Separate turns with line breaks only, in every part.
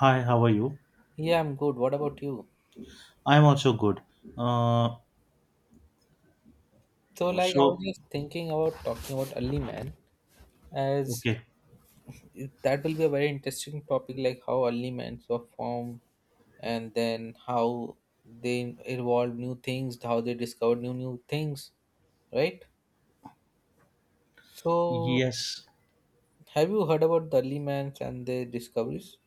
Hi, how are you?
Yeah, I'm good. What about you?
I'm also good. Uh,
So, like, I was
so
just thinking about talking about early man, as
okay,
that will be a very interesting topic, like how early men were formed, and then how they evolved new things, how they discovered new things, right? So,
yes.
have you heard about the early man and their discoveries?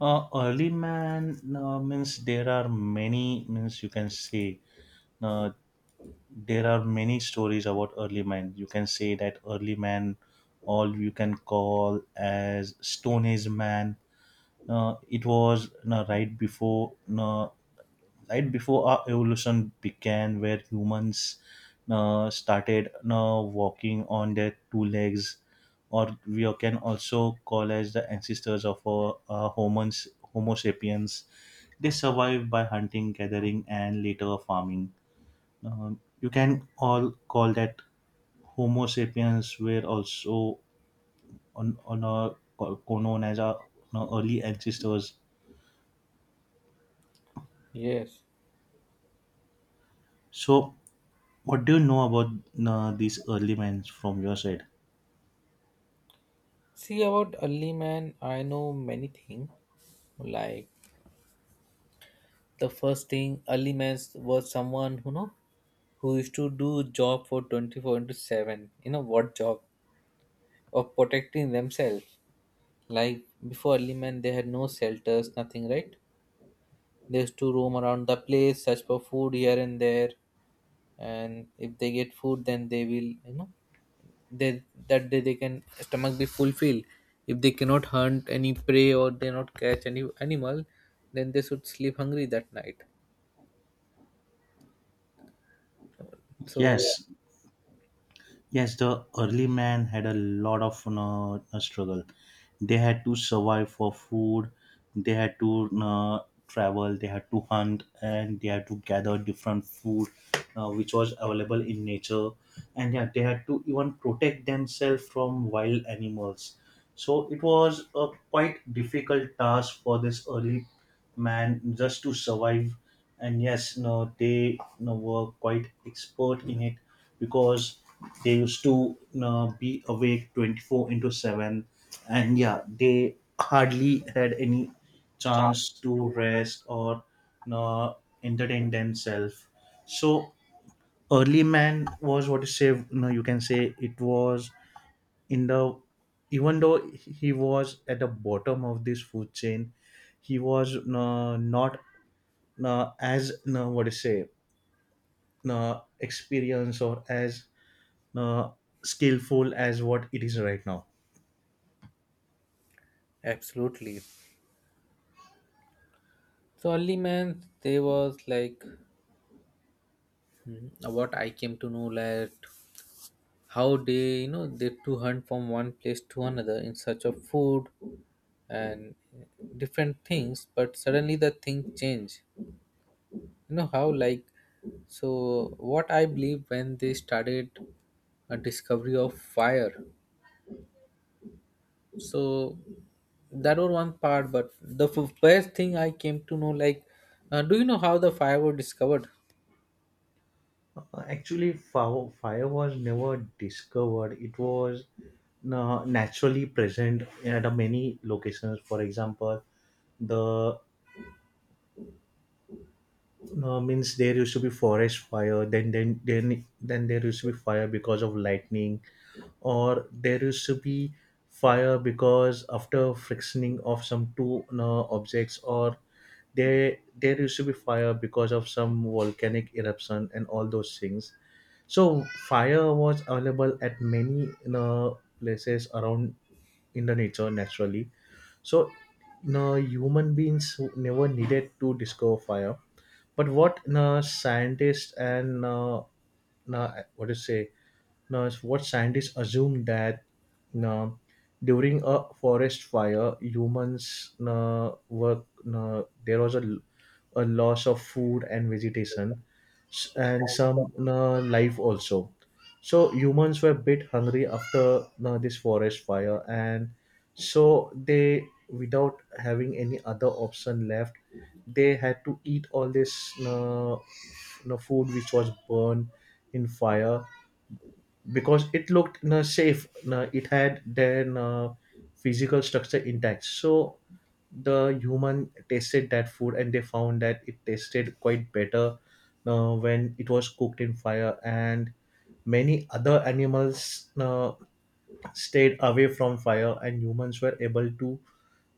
Early man means there are many means you can say uh, there are many stories about early man. You can say that early man, all you can call as Stone Age man. It was right before uh, right before our evolution began, where humans started walking on their two legs, or we can also call as the ancestors of homons, Homo sapiens. They survived by hunting, gathering, and later farming. You can all call that Homo sapiens were also on a, co- known as our you know, early ancestors.
Yes.
So, what do you know about these early men from your side?
See, about early man, I know many things. Like, the first thing, early man was someone who know, who used to do job for 24 into 7, you know, what job? Of protecting themselves. Like, before early man, they had no shelters, nothing, right? They used to roam around the place, search for food here and there, and if they get food, then they will, they, that day they can stomach be fulfilled. If they cannot hunt any prey or they not catch any animal, then they should sleep hungry that night. So
Yes, yes, the early man had a lot of you know, a struggle. They had to survive for food, they had to you know, travel, they had to hunt, and they had to gather different food which was available in nature, and yeah, they had to even protect themselves from wild animals. So it was a quite difficult task for this early man just to survive, and yes no they you know, were quite expert in it because they used to you know, be awake 24 into 7, and yeah they hardly had any chance to rest or you know, entertain themselves. So early man was what you say you know, you can say it was in the, even though he was at the bottom of this food chain he was not as what do you say experience or as uh, skillful as what it is right now.
absolutely. So early man, they was like. Mhm. What I came to know that how they, they to hunt from one place to another in search of food and different things, but suddenly the thing change. You know how, like, so what I believe, when they started a discovery of fire. So that was one part, but first thing I came to know, like, do you know how the fire was discovered?
Actually fire was never discovered. It was naturally present at a many locations. For example, the, no, means there used to be forest fire. Then there used to be fire because of lightning, or there used to be fire because after frictioning of some two objects, or there used to be fire because of some volcanic eruption and all those things. So fire was available at many places around in the nature naturally. So, no, human beings never needed to discover fire, but what scientists and uh, what to say, now what scientists assume that uh, during a forest fire humans were there was a loss of food and vegetation, and some life also, so humans were a bit hungry after this forest fire, and so they, without having any other option left, they had to eat all this you know, food which was burned in fire because it looked you know, safe, you know, it had their physical structure intact. So the human tasted that food and they found that it tasted quite better when it was cooked in fire, and many other animals stayed away from fire, and humans were able to you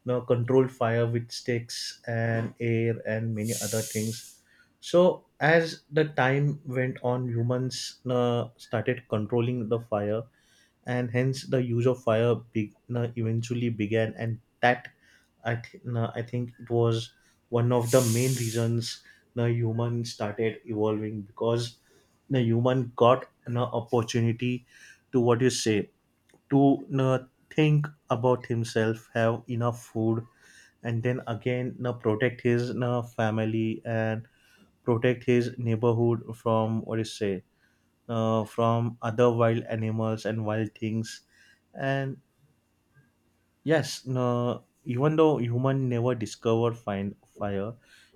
know controlled fire with sticks and air and many other things. So as the time went on, humans started controlling the fire, and hence the use of fire eventually began, and that I think it was one of the main reasons the human started evolving, because the human got an opportunity to what you say, to think about himself, have enough food, and then again now protect his now family and protect his neighborhood from what is say from other wild animals and wild things. And yes no, even though human never discovered find fire,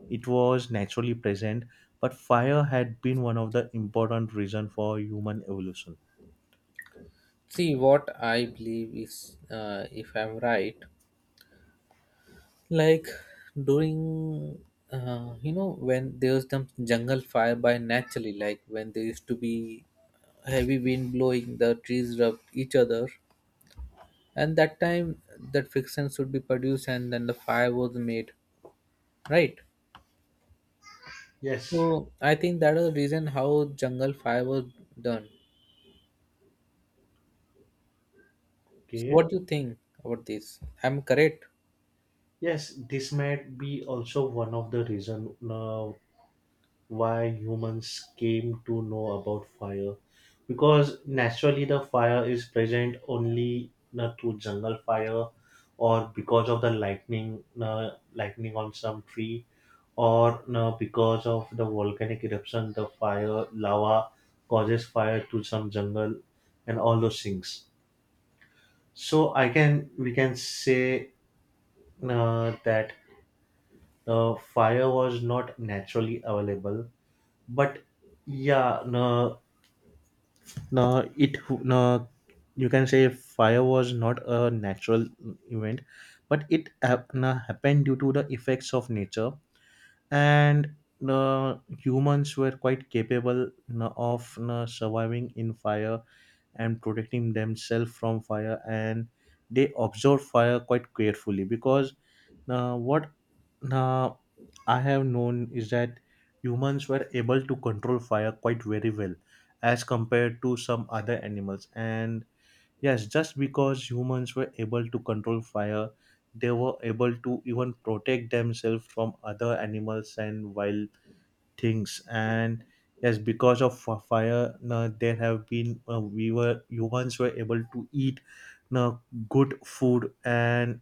it was naturally present, but fire had been one of the important reason for human evolution.
See, what I believe is, if I'm right. Like, during, you know, when there was the jungle fire by naturally, like, when there used to be heavy wind blowing, the trees rubbed each other, and that time that friction should be produced, and then the fire was made, right?
Yes,
So I think that is the reason how jungle fire was done. So
okay,
what do you think about this? I'm correct?
yes, this might be also one of the reason why humans came to know about fire, because naturally the fire is present only through jungle fire, or because of the lightning on some tree, or because of the volcanic eruption the fire lava causes fire to some jungle, and all those things. So I can we can say that fire was not naturally available, but yeah no, No, it no, you can say fire was not a natural event, but it hap- no, happened due to the effects of nature, and the humans were quite capable no, of no, surviving in fire and protecting themselves from fire, and they observed fire quite carefully because now, what now I have known is that humans were able to control fire quite very well as compared to some other animals. And yes, just because humans were able to control fire, they were able to even protect themselves from other animals and wild things. And yes, because of fire, now there have been we were humans were able to eat now good food. And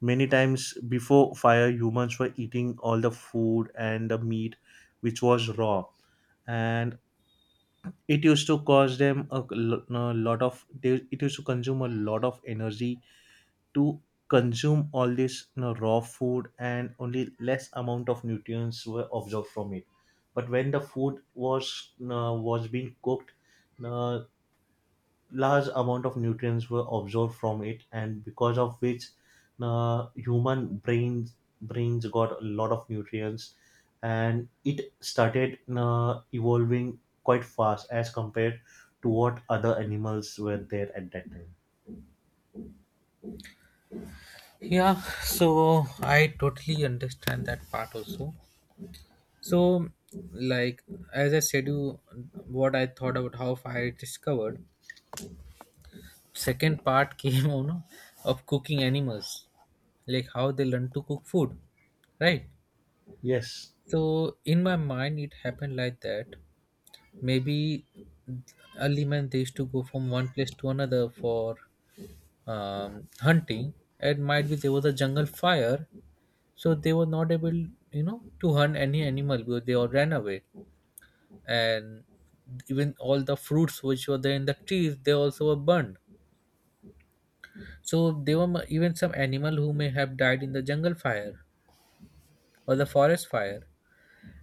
many times before fire, humans were eating all the food and the meat which was raw, and it used to cause them a lot of. They, it used to consume a lot of energy to consume all this you know, raw food, and only less amount of nutrients were absorbed from it. But when the food was you know, was being cooked, you know, large amount of nutrients were absorbed from it, and because of which human brains brains got a lot of nutrients, and it started evolving quite fast as compared to what other animals were there at that time.
Yeah, so I totally understand that part also. So, like, as I said, you what I thought about how fire is discovered. Second part came on of cooking animals, like how they learn to cook food, right?
Yes.
So in my mind, it happened like that. Maybe early man, they used to go from one place to another for hunting. It might be there was a jungle fire, so they were not able, to hunt any animal because they all ran away, and even all the fruits which were there in the trees, they also were burned. So there were even some animal who may have died in the jungle fire or the forest fire,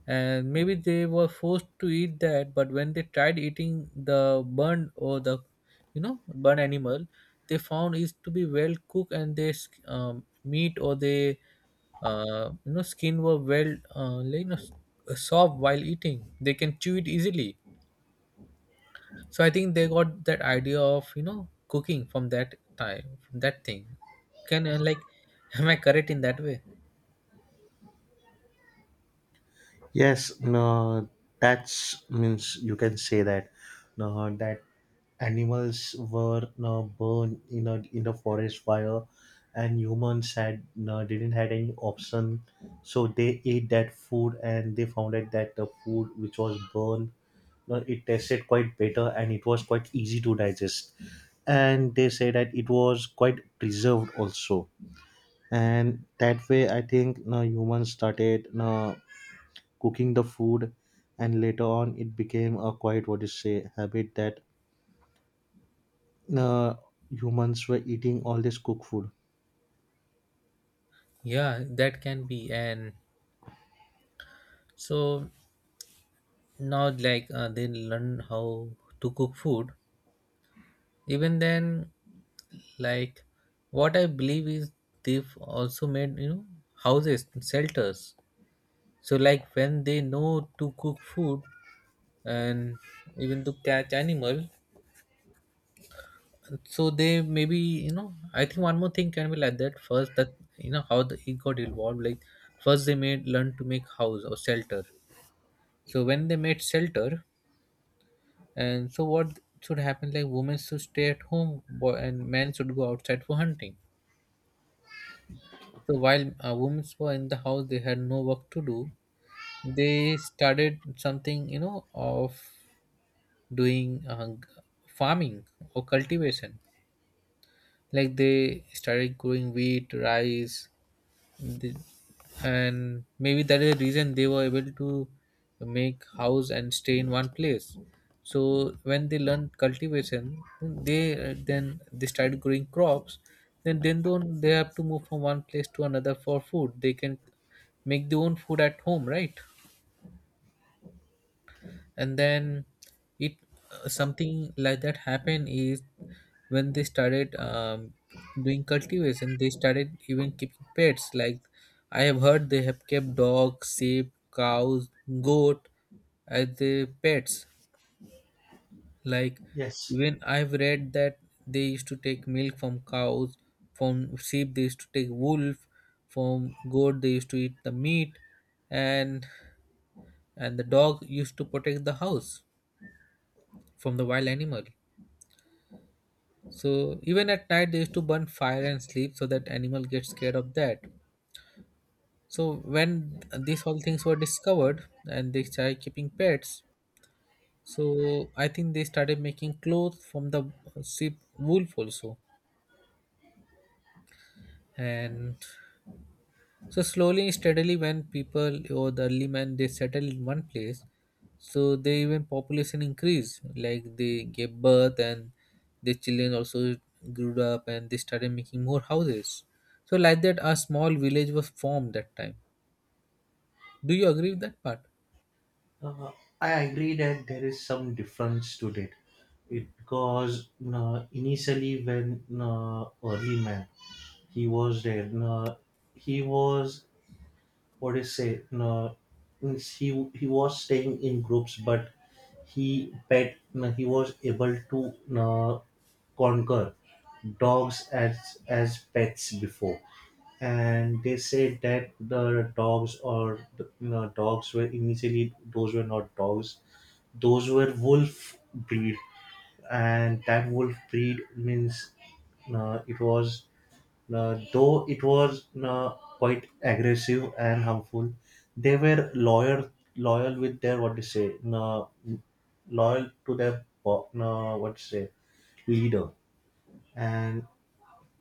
and maybe they were forced to eat that. But when they tried eating the burned or the, you know, burned animal, they found is to be well cooked, and their meat or their, you know, skin were well, like, you know, soft. While eating, they can chew it easily. So I think they got that idea of, you know, cooking from that time, from that thing. Can Like, am I correct in that way?
Yes, no, that's means you can say that no, that animals were no, burned in a forest fire, and humans had no, didn't had any option, so they ate that food and they found out that the food which was burned, no, it tasted quite better and it was quite easy to digest, and they say that it was quite preserved also, and that way I think no humans started no cooking the food, and later on it became a quite what you say habit that uh, humans were eating all this cooked food.
Yeah, that can be. And so now, like, they learn how to cook food. Even then, like, what I believe is, they've also made, you know, houses, shelters. So like, when they know to cook food and even to catch animal, so they, maybe, you know, I think one more thing can be like that. First, that you know how it got evolved, like first they made learn to make house or shelter. So when they made shelter, and so what should happen, like women should stay at home boy, and men should go outside for hunting. So while, women were in the house, they had no work to do. They started something, you know, of doing farming or cultivation. Like, they started growing wheat, rice. The- and maybe that is the reason they were able to make house and stay in one place. So when they learned cultivation, they, then they started growing crops. Then don't they have to move from one place to another for food? They can make their own food at home, right? And then, it something like that happened, is when they started, doing cultivation, they started even keeping pets. Like, I have heard they have kept dogs, sheep, cows, goat as the pets. Like,
Yes,
even I've read that they used to take milk from cows, from sheep they used to take wolf, from goat they used to eat the meat, and and the dog used to protect the house from the wild animal. So even at night they used to burn fire and sleep so that animal gets scared of that. So when these all things were discovered and they started keeping pets, so I think they started making clothes from the sheep wool also. And so slowly and steadily, when people or the early man, they settle in one place, so they even population increase. Like, they gave birth, and the children also grew up, and they started making more houses. So like that, a small village was formed that time. Do you agree with that part?
uh, I agree that there is some difference to that. It because initially when early man he was there, he was what do you say? No, means he was staying in groups, but he pet no, he was able to no, conquer dogs as pets before, and they said that the dogs or the, you know, dogs were initially those were not dogs, those were wolf breed, and that wolf breed means it was though it was quite aggressive and harmful, they were loyal, loyal with their what to say, loyal to their what to say leader, and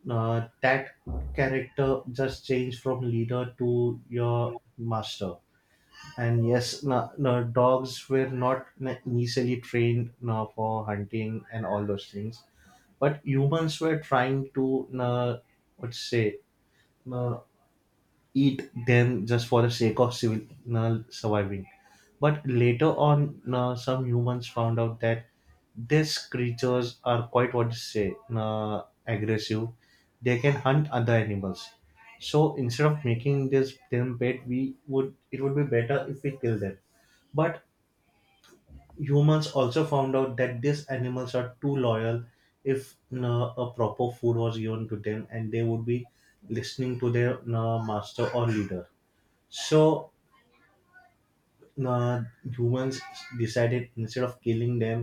that character just changed from leader to your master. And yes, no, no, dogs were not initially trained no, for hunting and all those things, but humans were trying to no, what to say, no, eat them just for the sake of civil surviving. But later on, some humans found out that these creatures are quite what you say aggressive. They can hunt other animals. So instead of making this them pet, we would it would be better if we kill them. But humans also found out that these animals are too loyal. If a proper food was given to them, and they would be listening to their master or leader. So uh, humans decided, instead of killing them,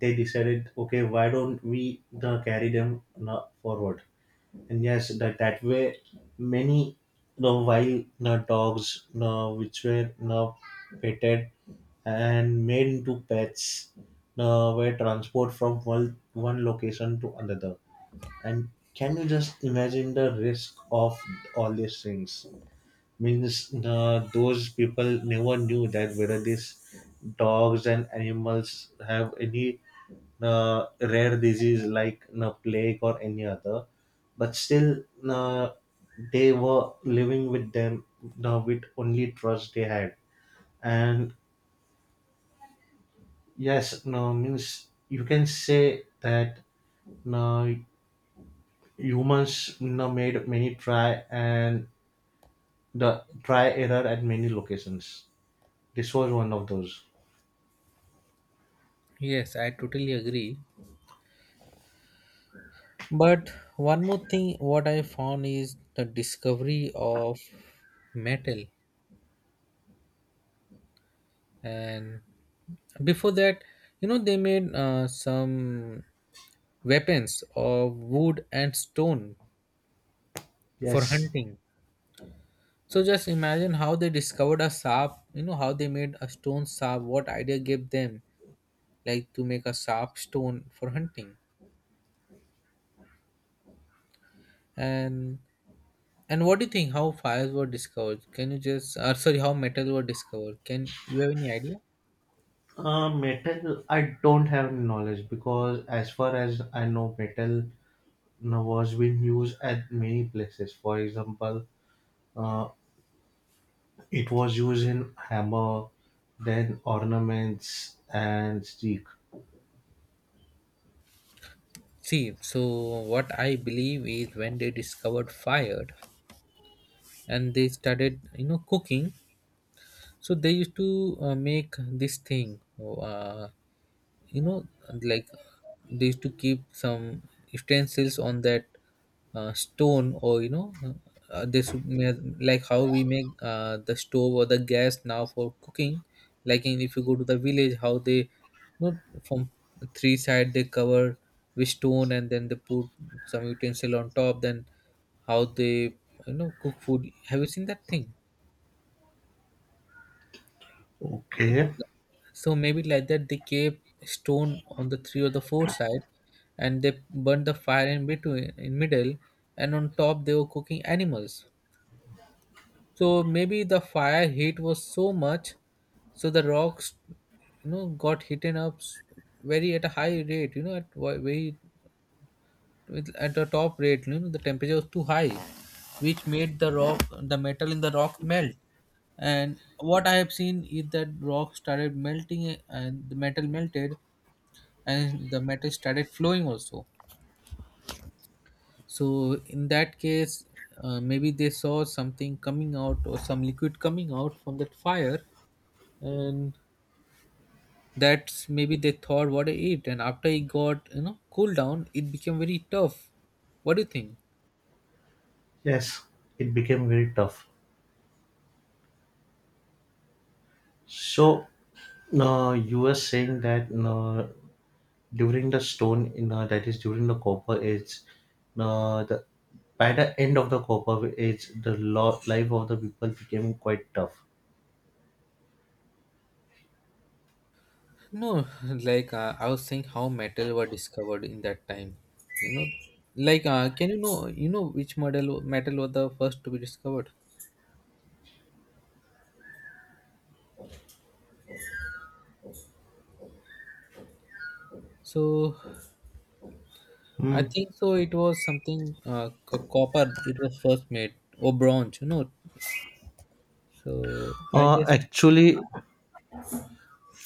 they decided, okay, why don't we carry them forward? And yes, that way, many the wild dogs, which were petted and made into pets, were transported from one location to another. And can you just imagine the risk of all these things? Means those people never knew that whether these dogs and animals have any rare disease like plague or any other, but still uh, they were living with them with only trust they had. And yes no means you can say that no, humans no made many try and the try error at many locations. This was one of those.
Yes, I totally agree. But one more thing, what I found is the discovery of metal. And before that, you know, they made, some weapons of wood and stone for
Yes,
hunting. So just imagine how they discovered a sharp, you know, how they made a stone sharp, what idea gave them like to make a sharp stone for hunting. And and what do you think, how fires were discovered? Can you just, or sorry, how metal were discovered? Can you have any idea?
metal. I don't have any knowledge because, as far as I know, metal now was being used at many places. For example, uh, it was used in hammer, then ornaments and stick.
See, so what I believe is, when they discovered fire and they started, you know, cooking, so they used to, make this thing. You know, like, they used to keep some utensils on that, stone, or, you know, this would like how we make, the stove or the gas now for cooking. Like in, if you go to the village, how they, you know, from three side they cover with stone and then they put some utensil on top, then how they, you know, cook food. Have you seen that thing?
Okay.
So maybe like that, they gave stone on the three or the four sides, and they burned the fire in between, in middle, and on top they were cooking animals. So maybe the fire heat was so much, so the rocks, you know, got heated up, very at a high rate. You know, at very, at the top rate. You know, the temperature was too high, which made the rock, the metal in the rock melt. And what I have seen is that rock started melting, and the metal melted, and the matter started flowing also. So in that case, maybe they saw something coming out, or some liquid coming out from that fire, and that's maybe they thought what it. And after it got, you know, cooled down, it became very tough. What do you think?
Yes, it became very tough. So, you were saying that during the stone in that is during the copper age the by the end of the copper age the life of the people became quite tough.
No, like, I was saying how metal were discovered in that time, you know. Like, can you know, which model, metal were the first to be discovered? So I
Hmm.
think so. It was something copper. It was first made, or bronze, you know. So I just,
Actually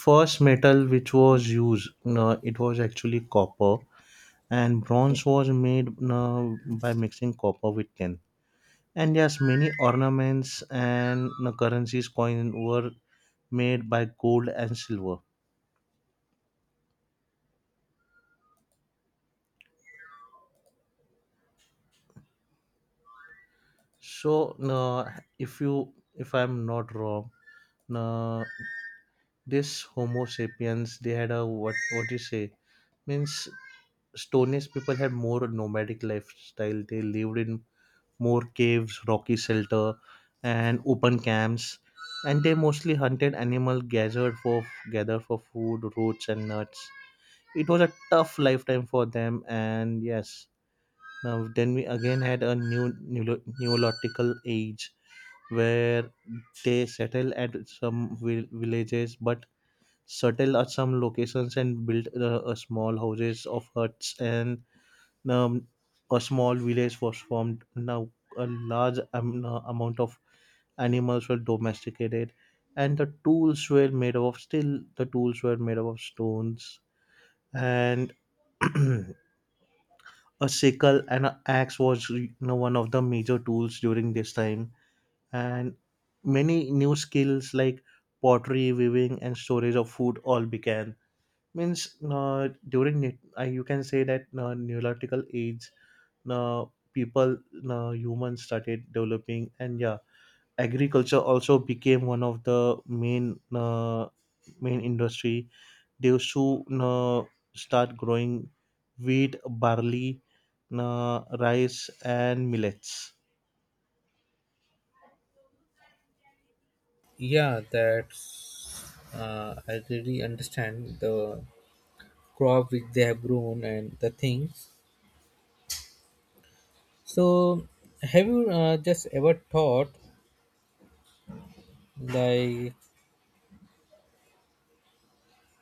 first metal which was used it was actually copper, and bronze was made uh, by mixing copper with tin, and yes many ornaments and currencies coin were made by gold and silver. So, no, if you, if I'm not wrong, no, this Homo sapiens, they had a what? What do you say? Means Stone Age people had more nomadic lifestyle. They lived in more caves, rocky shelter, and open camps, and they mostly hunted animal gathered for food, roots, and nuts. It was a tough lifetime for them, and yes, now, then we again had a new neolithical age where they settle at some vil- villages but settle at some locations and build a small houses of huts and um, a small village was formed. Now, a large amount of animals were domesticated and the tools were made of stones and a sickle and an axe was one of the major tools during this time, and many new skills like pottery, weaving and storage of food all began. Means during it, you can say that, neolithical age, uh, people, humans started developing. And yeah, agriculture also became one of the main main industry. They soon start growing wheat, barley, rice and millets.
yeah, that's, I really understand the crop which they have grown, and the things. So have you, just ever thought like,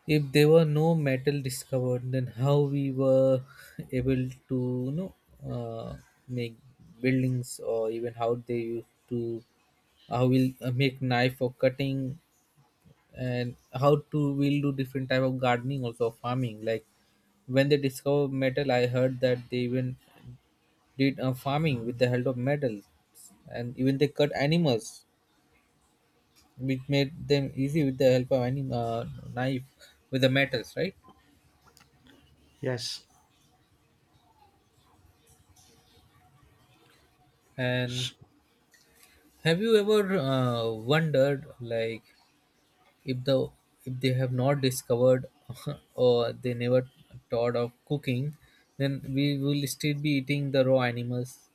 if there were no metal discovered, then how we were able to, you know, uh, make buildings, or even how they used to, how we'll, make knife for cutting, and how to we'll do different type of gardening also, farming. Like, when they discover metal, I heard that they even did, farming with the help of metals, and even they cut animals, which made them easy with the help of any, knife, with the metals, right?
Yes,
And
so
have you ever, wondered, like, if the if they have not discovered, or they never thought of cooking, then we will still be eating the raw animals?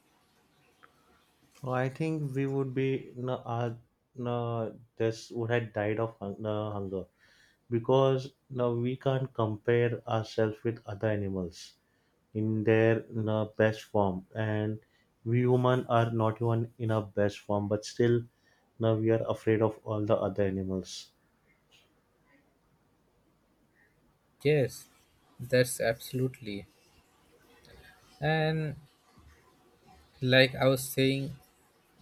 I think we would be no, no, this would have died of hunger, because now we can't compare ourselves with other animals in their, you know, best form, and we human are not even in our best form, but still now we are afraid of all the other animals.
Yes, that's absolutely. And like I was saying,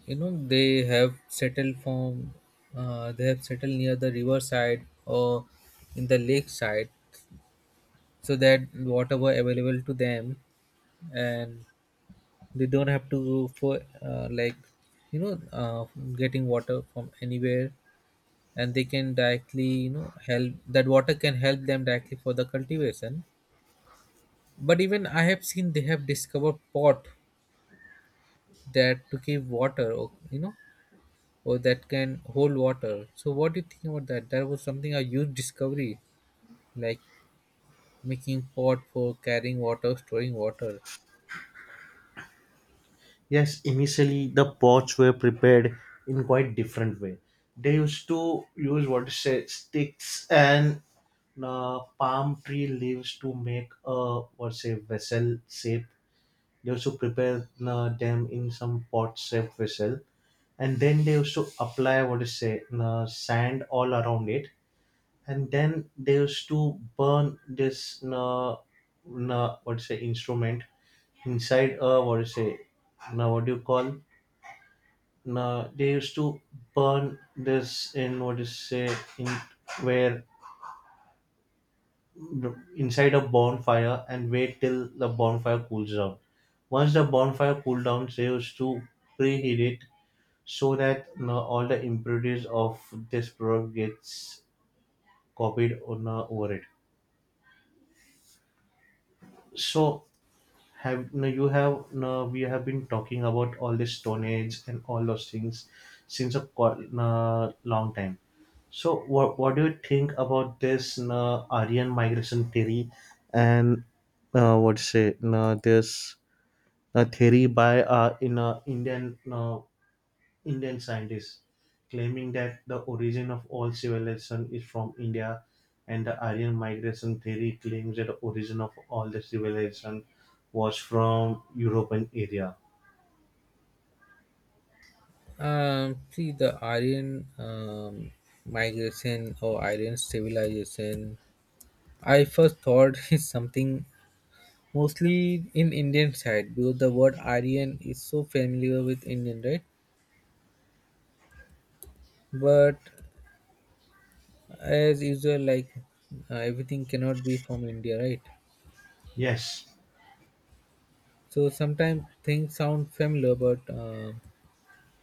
you know, they have settled near the riverside or in the lakeside, so that whatever available to them, and they don't have to go for, like, you know, getting water from anywhere, and they can directly, you know, help, that water can help them directly for the cultivation. But even I have seen they have discovered pot, that to keep water, or, you know, or that can hold water. So what do you think about that? That was something a huge discovery, like making pot for carrying water, storing water.
Yes, initially the pots were prepared in quite different way. They used to use what to say sticks and palm tree leaves to make a what say vessel shape. They used to prepare them in some pot-shaped vessel, and then they used to apply what is say sand all around it, and then they used to burn this what is say instrument inside a what is say, now what do you call, now they used to burn this in what is say, in, where, inside a bonfire and wait till the bonfire cools down. Once the bonfire cooled down, they used to preheat it so that, you know, all the impurities of this product gets copied on over it. So have you, we have been talking about all this stone age and all those things since a quite, long time. So what do you think about this, you, Aryan migration theory, and what say you, this, a theory by in a Indian, Indian scientist, claiming that the origin of all civilization is from India, and the Aryan migration theory claims that the origin of all the civilization was from European area.
See the Aryan, migration, or Aryan civilization. I first thought is something mostly in Indian side, because the word Aryan is so familiar with Indian, right? But as usual, like, everything cannot be from India, right?
Yes.
So sometimes things sound familiar, but,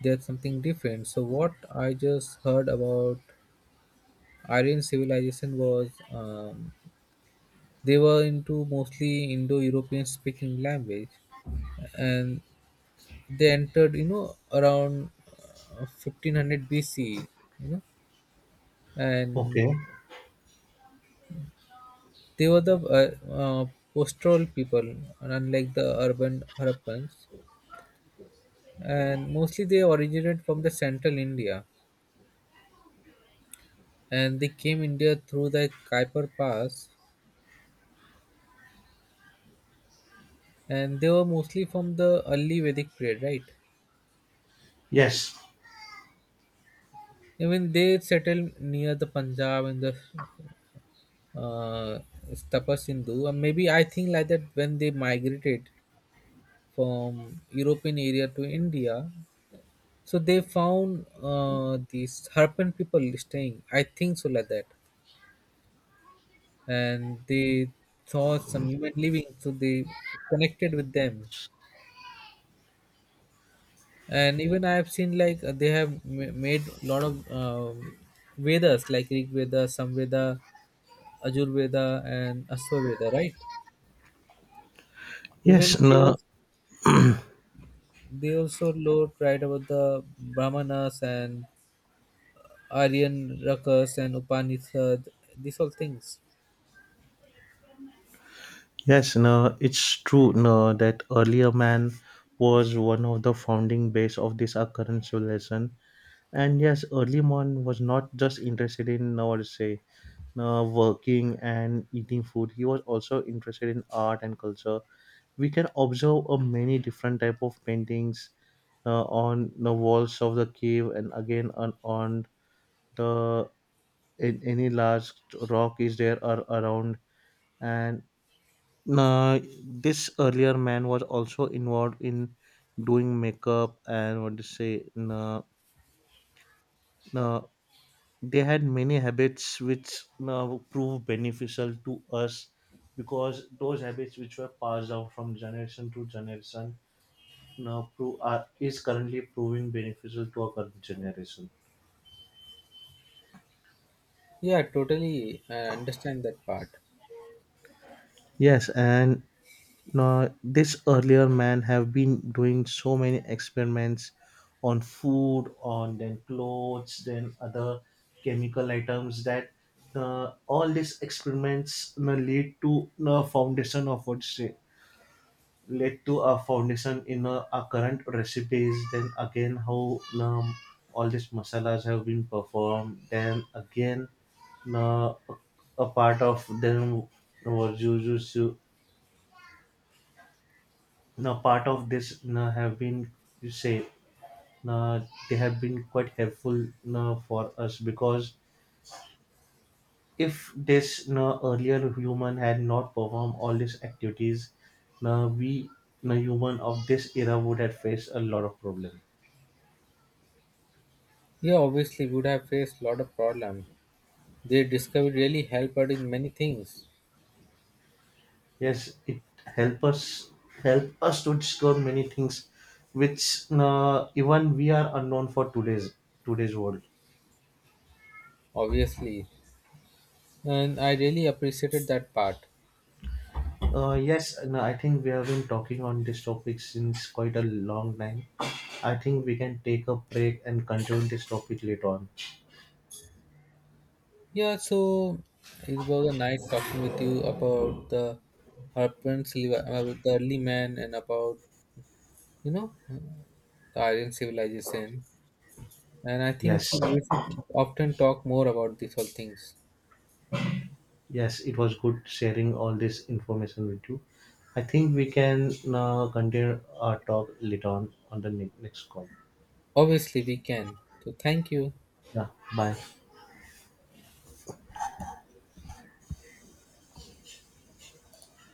there's something different. So what I just heard about Aryan civilization was, they were into mostly Indo-European speaking language, and they entered, you know, around, 1500 BC, you know,
Okay.
and they were the, pastoral people, unlike the urban Harappans, and mostly they originated from the central India, and they came India through the Kuiper Pass, and they were mostly from the early Vedic period, right?
Yes.
I mean, they settled near the Punjab and the, uh, Tapas Hindu, and maybe I think like that, when they migrated from European area to India, so they found, these Harappan people staying. I think so like that, and they saw some human living, so they connected with them. And even I have seen, like, they have made a lot of, Vedas, like Rig Veda, Samveda, Ajur Veda, and Aswa Veda, right? Even
Yes,
they
no,
was They also wrote right about the Brahmanas and Aryan Rakas and Upanishad, these all things.
yes, no, it's true, no, that earlier man was one of the founding base of this our current civilization. And yes, early man was not just interested in, I would say, working and eating food. He was also interested in art and culture. We can observe a many different type of paintings on the walls of the cave, and again on the, in, any large rock is there or around. And uh, this earlier man was also involved in doing makeup and what to say, uh, they had many habits which now prove beneficial to us, because those habits which were passed down from generation to generation now prove are, is currently proving beneficial to our current generation.
Yeah, totally I understand that part.
Yes, and now this earlier man have been doing so many experiments on food, on then clothes, then other chemical items, that all these experiments, you know, lead to the foundation of what's, led to a foundation in our current recipes, then again how all these masalas have been performed, then again, uh, a part of them was used to, now part of this have been, you say, uh, they have been quite helpful for us, because if this earlier human had not performed all these activities, we, human of this era would have faced a lot of problems.
Yeah, obviously would have faced a lot of problem. Their discovery really helped out in many things,
Yes, it help us, help us to discover many things which, even we are unknown for today's world.
obviously. And I really appreciated that part.
Yes, and I think we have been talking on this topic since quite a long time. I think we can take a break and continue this topic later on.
Yeah, so it was a nice talking with you about the, about the early man, and about, you know, the Aryan civilization. And I think so
Yes,
we should often talk more about these all things.
yes, it was good sharing all this information with you. I think we can continue our talk later on the next call.
Obviously, we can. So, thank you.
Yeah, bye.